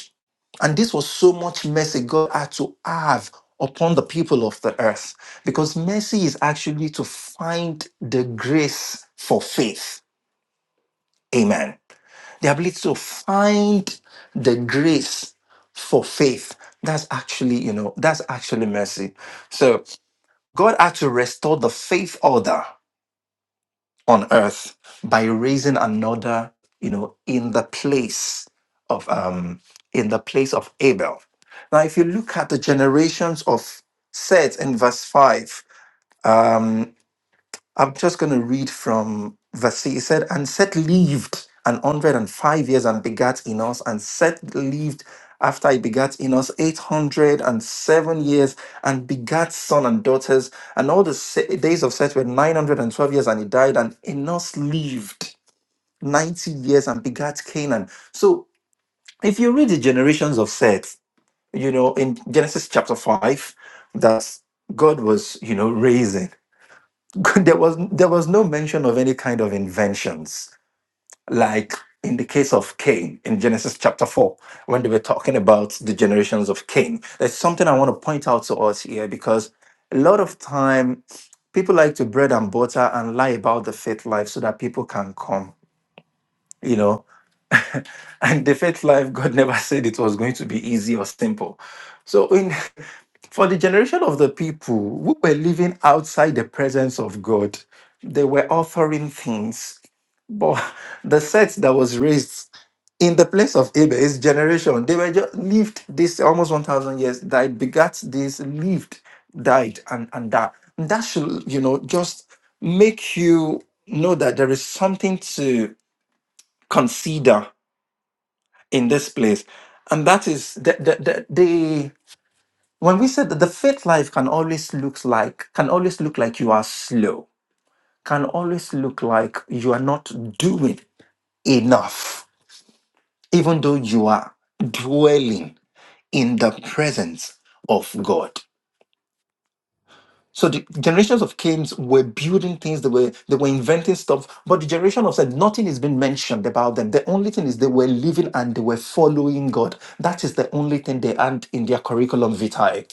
Speaker 1: and this was so much mercy God had to have upon the people of the earth, because mercy is actually to find the grace for faith. Amen the ability to find the grace for faith that's actually you know that's actually mercy so god had to restore the faith order on earth by raising another you know in the place of um in the place of abel now if you look at the generations of seth in verse 5 um, I'm just going to read from verse. six. It said, And Seth lived an hundred and five years and begat Enos. And Seth lived after he begat Enos eight hundred and seven years and begat son and daughters. And all the se- days of Seth were nine hundred and twelve years, and he died. And Enos lived ninety years and begat Canaan. So if you read the generations of Seth, you know in Genesis chapter five, that God was you know raising. there was there was no mention of any kind of inventions like in the case of Cain in Genesis chapter 4 when they were talking about the generations of Cain there's something I want to point out to us here because a lot of time people like to bread and butter and lie about the faith life so that people can come you know And the faith life, God never said it was going to be easy or simple. So, in for the generation of the people who were living outside the presence of God, they were offering things. But the set that was raised in the place of Abel, his generation, they were just lived this almost 1,000 years, died, begat this, lived, died, and, and that. And that should, you know, just make you know that there is something to consider in this place and that is the the, the, the when we said that the faith life can always looks like can always look like you are slow can always look like you are not doing enough even though you are dwelling in the presence of god So the generations of Cain's were building things, they were they were inventing stuff, but the generation of said nothing is being mentioned about them. The only thing is they were living and they were following God. That is the only thing they had in their curriculum vitae.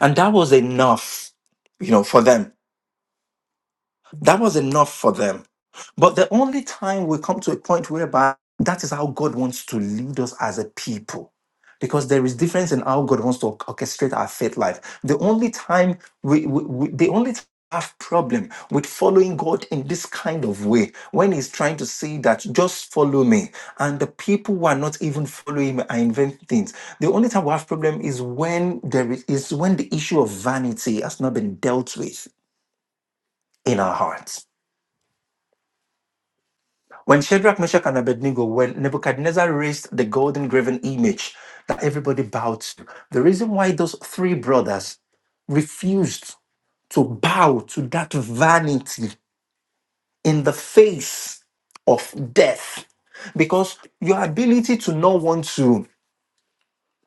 Speaker 1: And that was enough, you know, for them. That was enough for them. But the only time we come to a point whereby that is how God wants to lead us as a people. Because there is difference in how God wants to orchestrate our faith life. The only time we, we, we the only time we have problem with following God in this kind of way when he's trying to say that just follow me and the people who are not even following him are inventing things. The only time we have problem is when there is, is when the issue of vanity has not been dealt with in our hearts When Shadrach, Meshach, and Abednego, when Nebuchadnezzar raised the golden graven image that everybody bowed to, the reason why those three brothers refused to bow to that vanity in the face of death, because your ability to not want to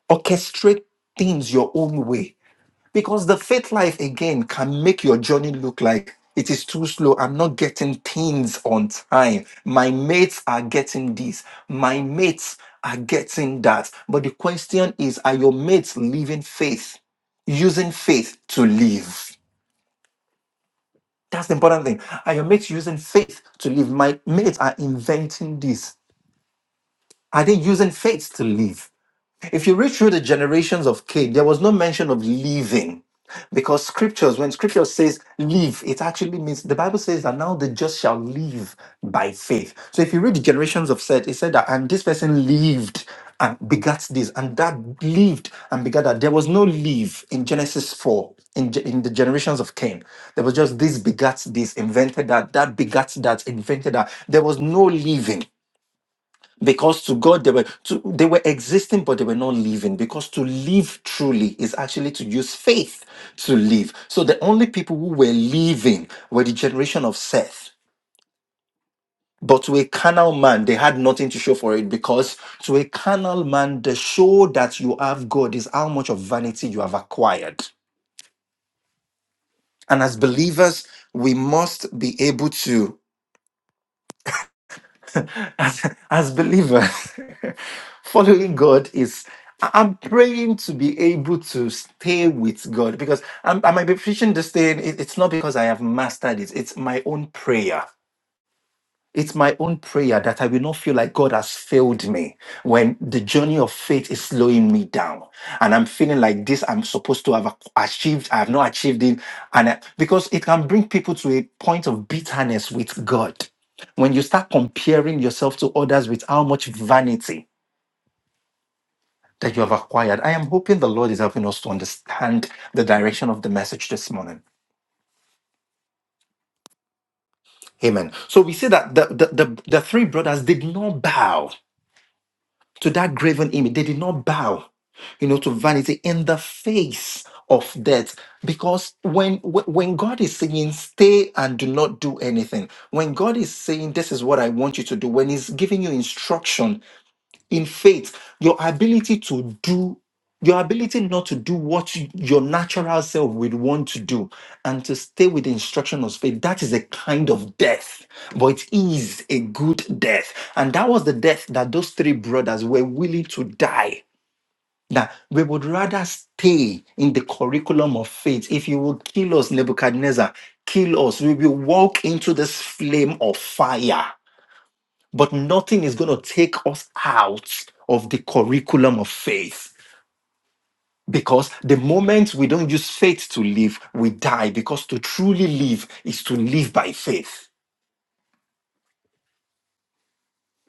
Speaker 1: orchestrate things your own way because the faith life again can make your journey look like it is too slow. I'm not getting things on time. My mates are getting this. My mates are getting that. But the question is are your mates living faith, using faith to live? That's the important thing. Are your mates using faith to live? My mates are inventing this. Are they using faith to live? If you read through the generations of Cain, there was no mention of leaving. Because scriptures, when scripture says leave, it actually means the Bible says that now the just shall live by faith. So if you read the generations of Seth, it said that and this person lived and begat this, and that lived and begat that. There was no leave in Genesis 4 in, ge- in the generations of Cain. There was just this begat this, invented that, that begat that, invented that. There was no leaving because to God they were to, they were existing but they were not living because to live truly is actually to use faith to live. So the only people who were living were the generation of Seth. But to a carnal man, they had nothing to show for it because to a carnal man, the show that you have God is how much of vanity you have acquired. And as believers, we must be able to as, as believers, following God is I- I'm praying to be able to stay with God because I'm, I might be preaching this thing. it- It's not because I have mastered it. It's my own prayer it's my own prayer that I will not feel like God has failed me when the journey of faith is slowing me down. And I'm feeling like this, I'm supposed to have ac- achieved, I have not achieved it. And I- because it can bring people to a point of bitterness with God. When you start comparing yourself to others with how much vanity that you have acquired, I am hoping the Lord is helping us to understand the direction of the message this morning. Amen. So we see that the, the, the, the three brothers did not bow. to that graven image. They did not bow, you know, to vanity in the face of death. Because when wh- when God is saying stay and do not do anything, when God is saying this is what I want you to do, when He's giving you instruction in faith your ability to do your ability not to do what you- your natural self would want to do and to stay with the instruction of faith that is a kind of death but it is a good death and that was the death that those three brothers were willing to die that we would rather stay in the curriculum of faith if you will kill us nebuchadnezzar kill us we will walk into this flame of fire but nothing is going to take us out of the curriculum of faith. Because the moment we don't use faith to live, we die. Because to truly live is to live by faith,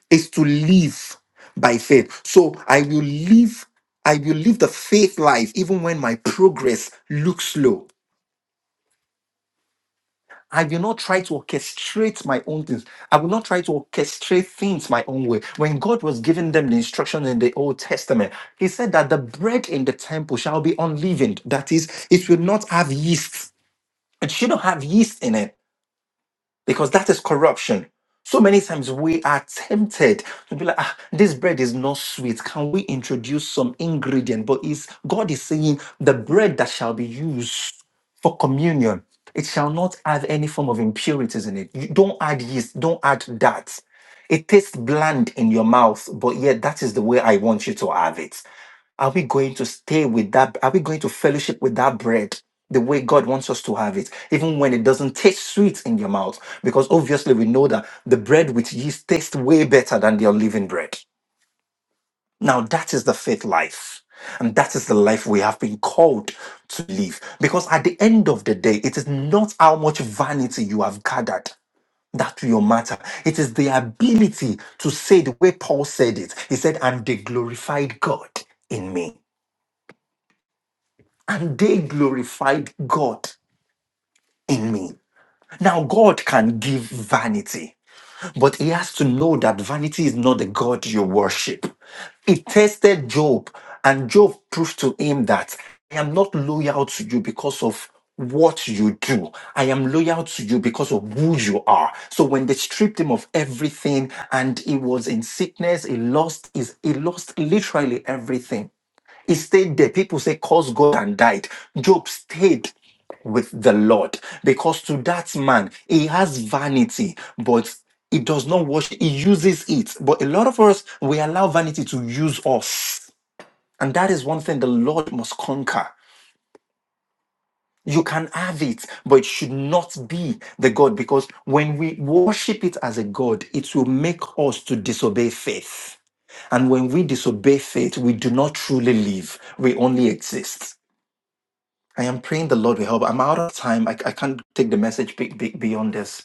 Speaker 1: is to live by faith. So I will live, I will live the faith life even when my progress looks slow. I will not try to orchestrate my own things. I will not try to orchestrate things my own way. When God was giving them the instructions in the Old Testament, He said that the bread in the temple shall be unleavened. That is, it will not have yeast. It shouldn't have yeast in it because that is corruption. So many times we are tempted to be like, ah, this bread is not sweet. Can we introduce some ingredient? But is God is saying the bread that shall be used for communion, it shall not have any form of impurities in it. You don't add yeast, don't add that. It tastes bland in your mouth, but yet that is the way I want you to have it. Are we going to stay with that? Are we going to fellowship with that bread the way God wants us to have it, even when it doesn't taste sweet in your mouth? Because obviously we know that the bread with yeast tastes way better than the unleavened bread. Now that is the faith life. And that is the life we have been called to live. Because at the end of the day, it is not how much vanity you have gathered that will matter. It is the ability to say the way Paul said it. He said, and they glorified God in me. and they glorified God in me. Now, God can give vanity, but he has to know that vanity is not the God you worship. He tested Job, and Job proved to him that I am not loyal to you because of what you do. I am loyal to you because of who you are. So when they stripped him of everything and he was in sickness, he lost his, he lost literally everything. He stayed there. People say, Cause God and died. Job stayed with the Lord because to that man, he has vanity, but he does not wash, he uses it. But a lot of us, we allow vanity to use us. And that is one thing the Lord must conquer. You can have it, but it should not be the God because when we worship it as a God, it will make us to disobey faith. And when we disobey faith, we do not truly live, we only exist. I am praying the Lord will help. I'm out of time. I, I can't take the message big, big beyond this.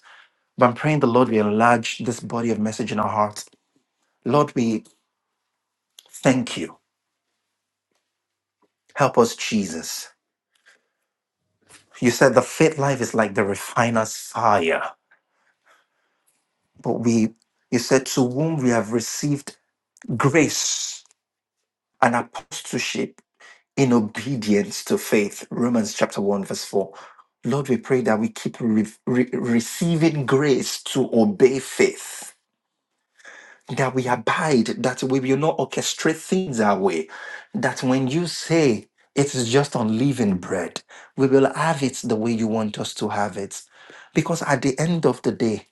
Speaker 1: But I'm praying the Lord will enlarge this body of message in our hearts. Lord, we thank you. Help us, Jesus. You said the faith life is like the refiner's fire. But we, you said, to whom we have received grace and apostleship in obedience to faith. Romans chapter 1, verse 4. Lord, we pray that we keep re- re- receiving grace to obey faith that we abide, that we will not orchestrate things our way. That when you say it is just unleavened bread, we will have it the way you want us to have it. Because at the end of the day,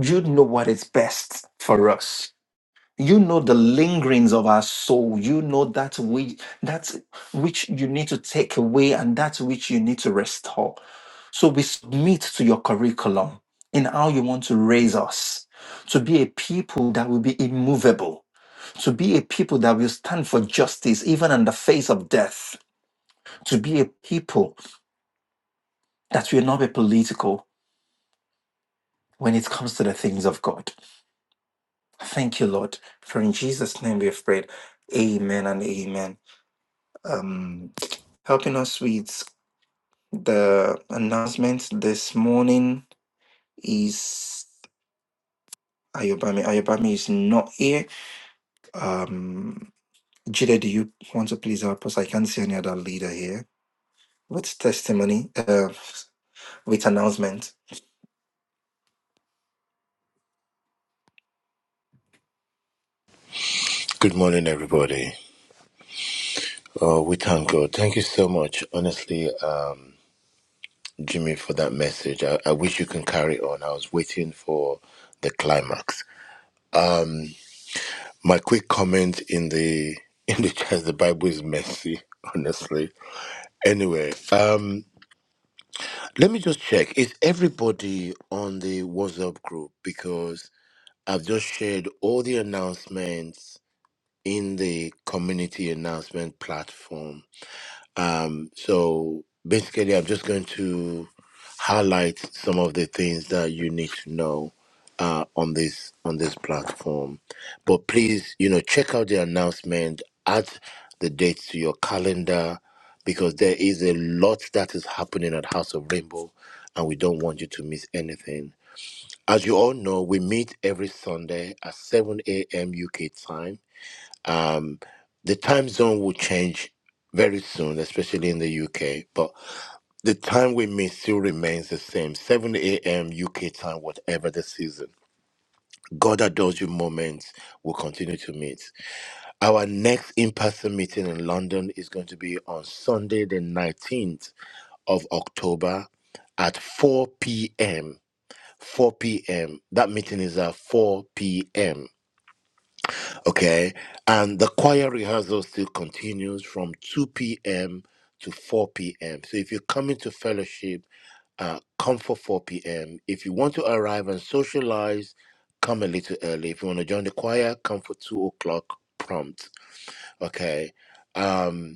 Speaker 1: you know what is best for us. You know the lingerings of our soul. You know that we that which you need to take away and that which you need to restore. So we submit to your curriculum in how you want to raise us to be a people that will be immovable, to be a people that will stand for justice even in the face of death, to be a people that will not be political when it comes to the things of God. Thank you, Lord. For in Jesus' name we have prayed. Amen and amen. Um, helping us with the announcement this morning is Ayobami. Ayobami is not here Um, Jide, do you want to please help us? I can't see any other leader here with testimony, uh, with announcement.
Speaker 9: Good morning, everybody. Oh, we thank God. Thank you so much, honestly, uh, Jimmy, for that message. I, I wish you can carry on. I was waiting for the climax. My quick comment in the in the chat: the Bible is messy, honestly. Anyway, um, let me just check: is everybody on the WhatsApp group? Because I've just shared all the announcements in the community announcement platform Um, so basically, I'm just going to highlight some of the things that you need to know uh, on this on this platform. But please, you know, check out the announcement. Add the dates to your calendar because there is a lot that is happening at House of Rainbow, and we don't want you to miss anything. As you all know, we meet every Sunday at 7 a.m. UK time um, the time zone will change very soon, especially in the UK, but the time we meet still remains the same 7 a.m. UK time, whatever the season. God adores you moments will continue to meet. Our next in person meeting in London is going to be on Sunday, the 19th of October at 4 p.m. 4 p.m. That meeting is at 4 p.m. Okay. And the choir rehearsal still continues from 2 p.m. to 4 p.m. So if you're coming to fellowship, uh, come for 4 p.m. If you want to arrive and socialize, come a little early. If you want to join the choir, come for 2 o'clock prompt. Okay. Um,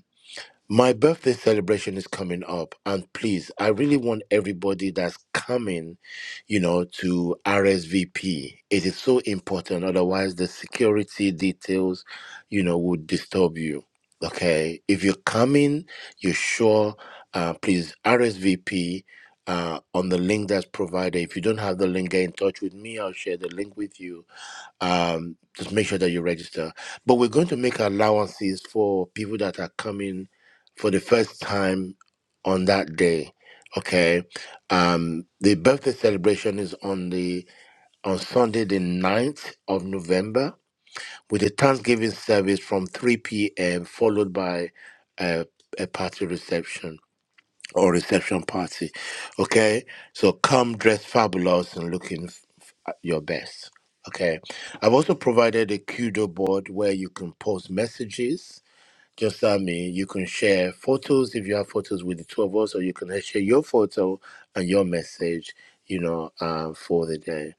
Speaker 9: my birthday celebration is coming up, and please, I really want everybody that's coming, you know, to RSVP. It is so important, otherwise, the security details, you know, would disturb you. Okay, if you're coming, you're sure, uh, please RSVP uh, on the link that's provided. If you don't have the link, get in touch with me, I'll share the link with you um, just make sure that you register. But we're going to make allowances for people that are coming for the first time on that day. Okay. Um, the birthday celebration is on the on Sunday the ninth of November with a Thanksgiving service from 3 p.m. followed by a, a party reception or reception party. Okay, so come dressed fabulous and looking f- f- your best. Okay, I've also provided a Kudo board where you can post messages. Just like me, you can share photos if you have photos with the two of us, or you can share your photo and your message. You know, uh, for the day.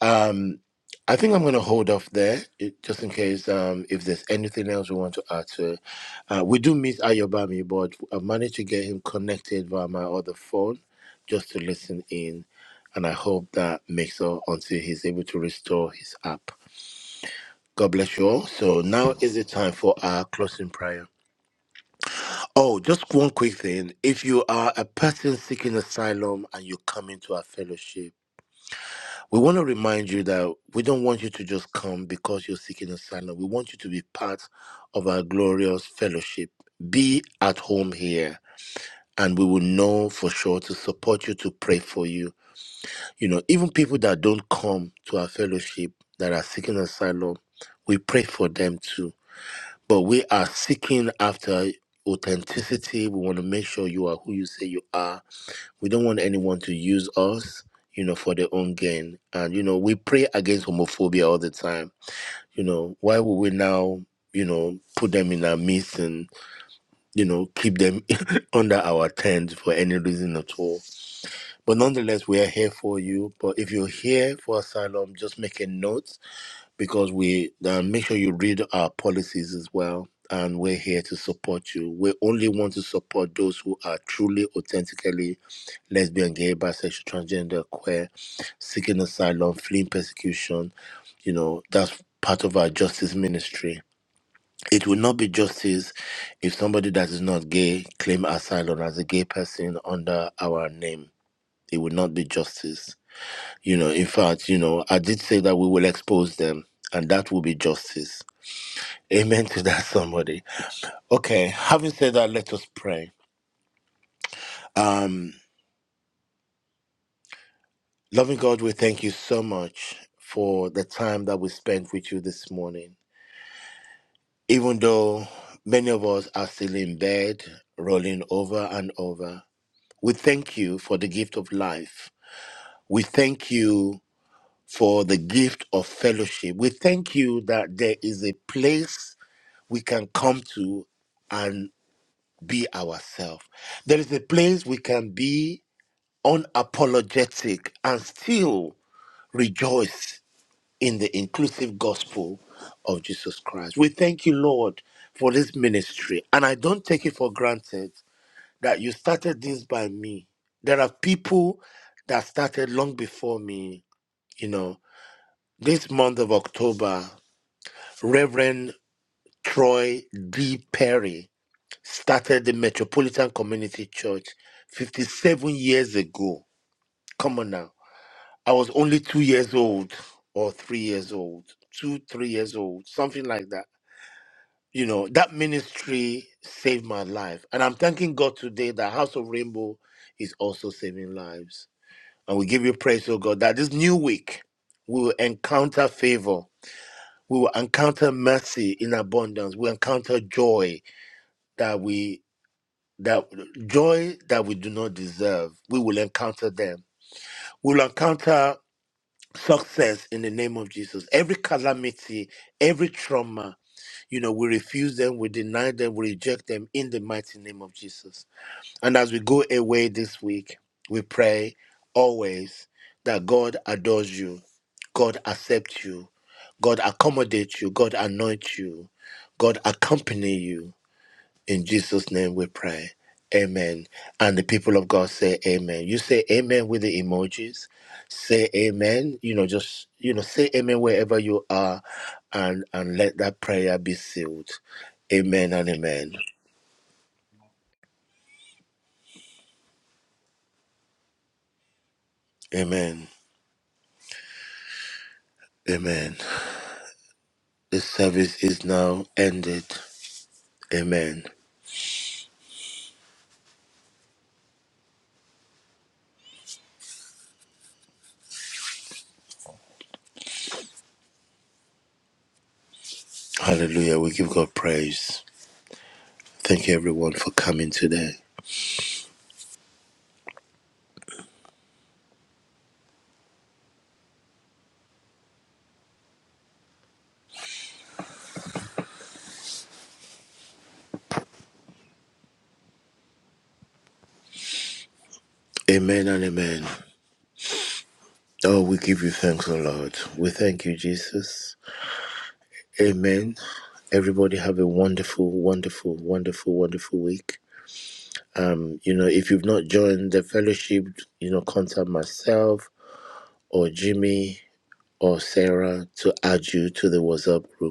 Speaker 9: Um, I think I'm going to hold off there it, just in case um, if there's anything else we want to add to it. Uh, we do miss Ayobami, but I managed to get him connected via my other phone just to listen in. And I hope that makes up until he's able to restore his app. God bless you all. So now is the time for our closing prayer. Oh, just one quick thing. If you are a person seeking asylum and you come into our fellowship, We want to remind you that we don't want you to just come because you're seeking asylum. We want you to be part of our glorious fellowship. Be at home here, and we will know for sure to support you, to pray for you. You know, even people that don't come to our fellowship that are seeking asylum, we pray for them too. But we are seeking after authenticity. We want to make sure you are who you say you are we don't want anyone to use us you know for their own gain and you know we pray against homophobia all the time you know why would we now you know put them in our midst and you know keep them under our tent for any reason at all but nonetheless we are here for you but if you're here for asylum just make a note because we uh, make sure you read our policies as well and we're here to support you we only want to support those who are truly authentically lesbian, gay, bisexual, transgender, queer, seeking asylum, fleeing persecution. You know, that's part of our justice ministry. It will not be justice if somebody that is not gay claim asylum as a gay person under our name. It would not be justice. You know, in fact, you know, I did say that we will expose them and that will be justice. Amen to that, somebody. Okay, having said that, let us pray. Um. Loving God, we thank you so much for the time that we spent with you this morning. Even though many of us are still in bed, rolling over and over, we thank you for the gift of life. We thank you for the gift of fellowship. We thank you that there is a place we can come to and be ourselves. There is a place we can be unapologetic and still rejoice in the inclusive gospel of Jesus Christ. We thank you, Lord, for this ministry. And I don't take it for granted that you started this by me. There are people that started long before me. You know, this month of October, Reverend Troy D. Perry started the Metropolitan Community Church 57 years ago. Come on now. I was only two years old or three years old, two, three years old, something like that you know that ministry saved my life and i'm thanking god today that house of rainbow is also saving lives and we give you praise oh god that this new week we will encounter favor we will encounter mercy in abundance we encounter joy that we that joy that we do not deserve we will encounter them we will encounter success in the name of jesus every calamity every trauma You know, we refuse them, we deny them, we reject them in the mighty name of Jesus. And as we go away this week, we pray always that God adores you, God accepts you, God accommodates you, God anoints you, God accompany you. In Jesus' name we pray. Amen. And the people of God say amen. You say amen with the emojis. Say amen. You know, just you know, say amen wherever you are and and let that prayer be sealed. Amen and amen. Amen. Amen. The service is now ended. Amen. Hallelujah. We give God praise. Thank you everyone for coming today. Amen and amen. Oh, we give you thanks, O Lord. We thank you, Jesus. Amen. Everybody have a wonderful, wonderful, wonderful, wonderful week. Um, you know, if you've not joined the fellowship, you know, contact myself or Jimmy or Sarah to add you to the WhatsApp group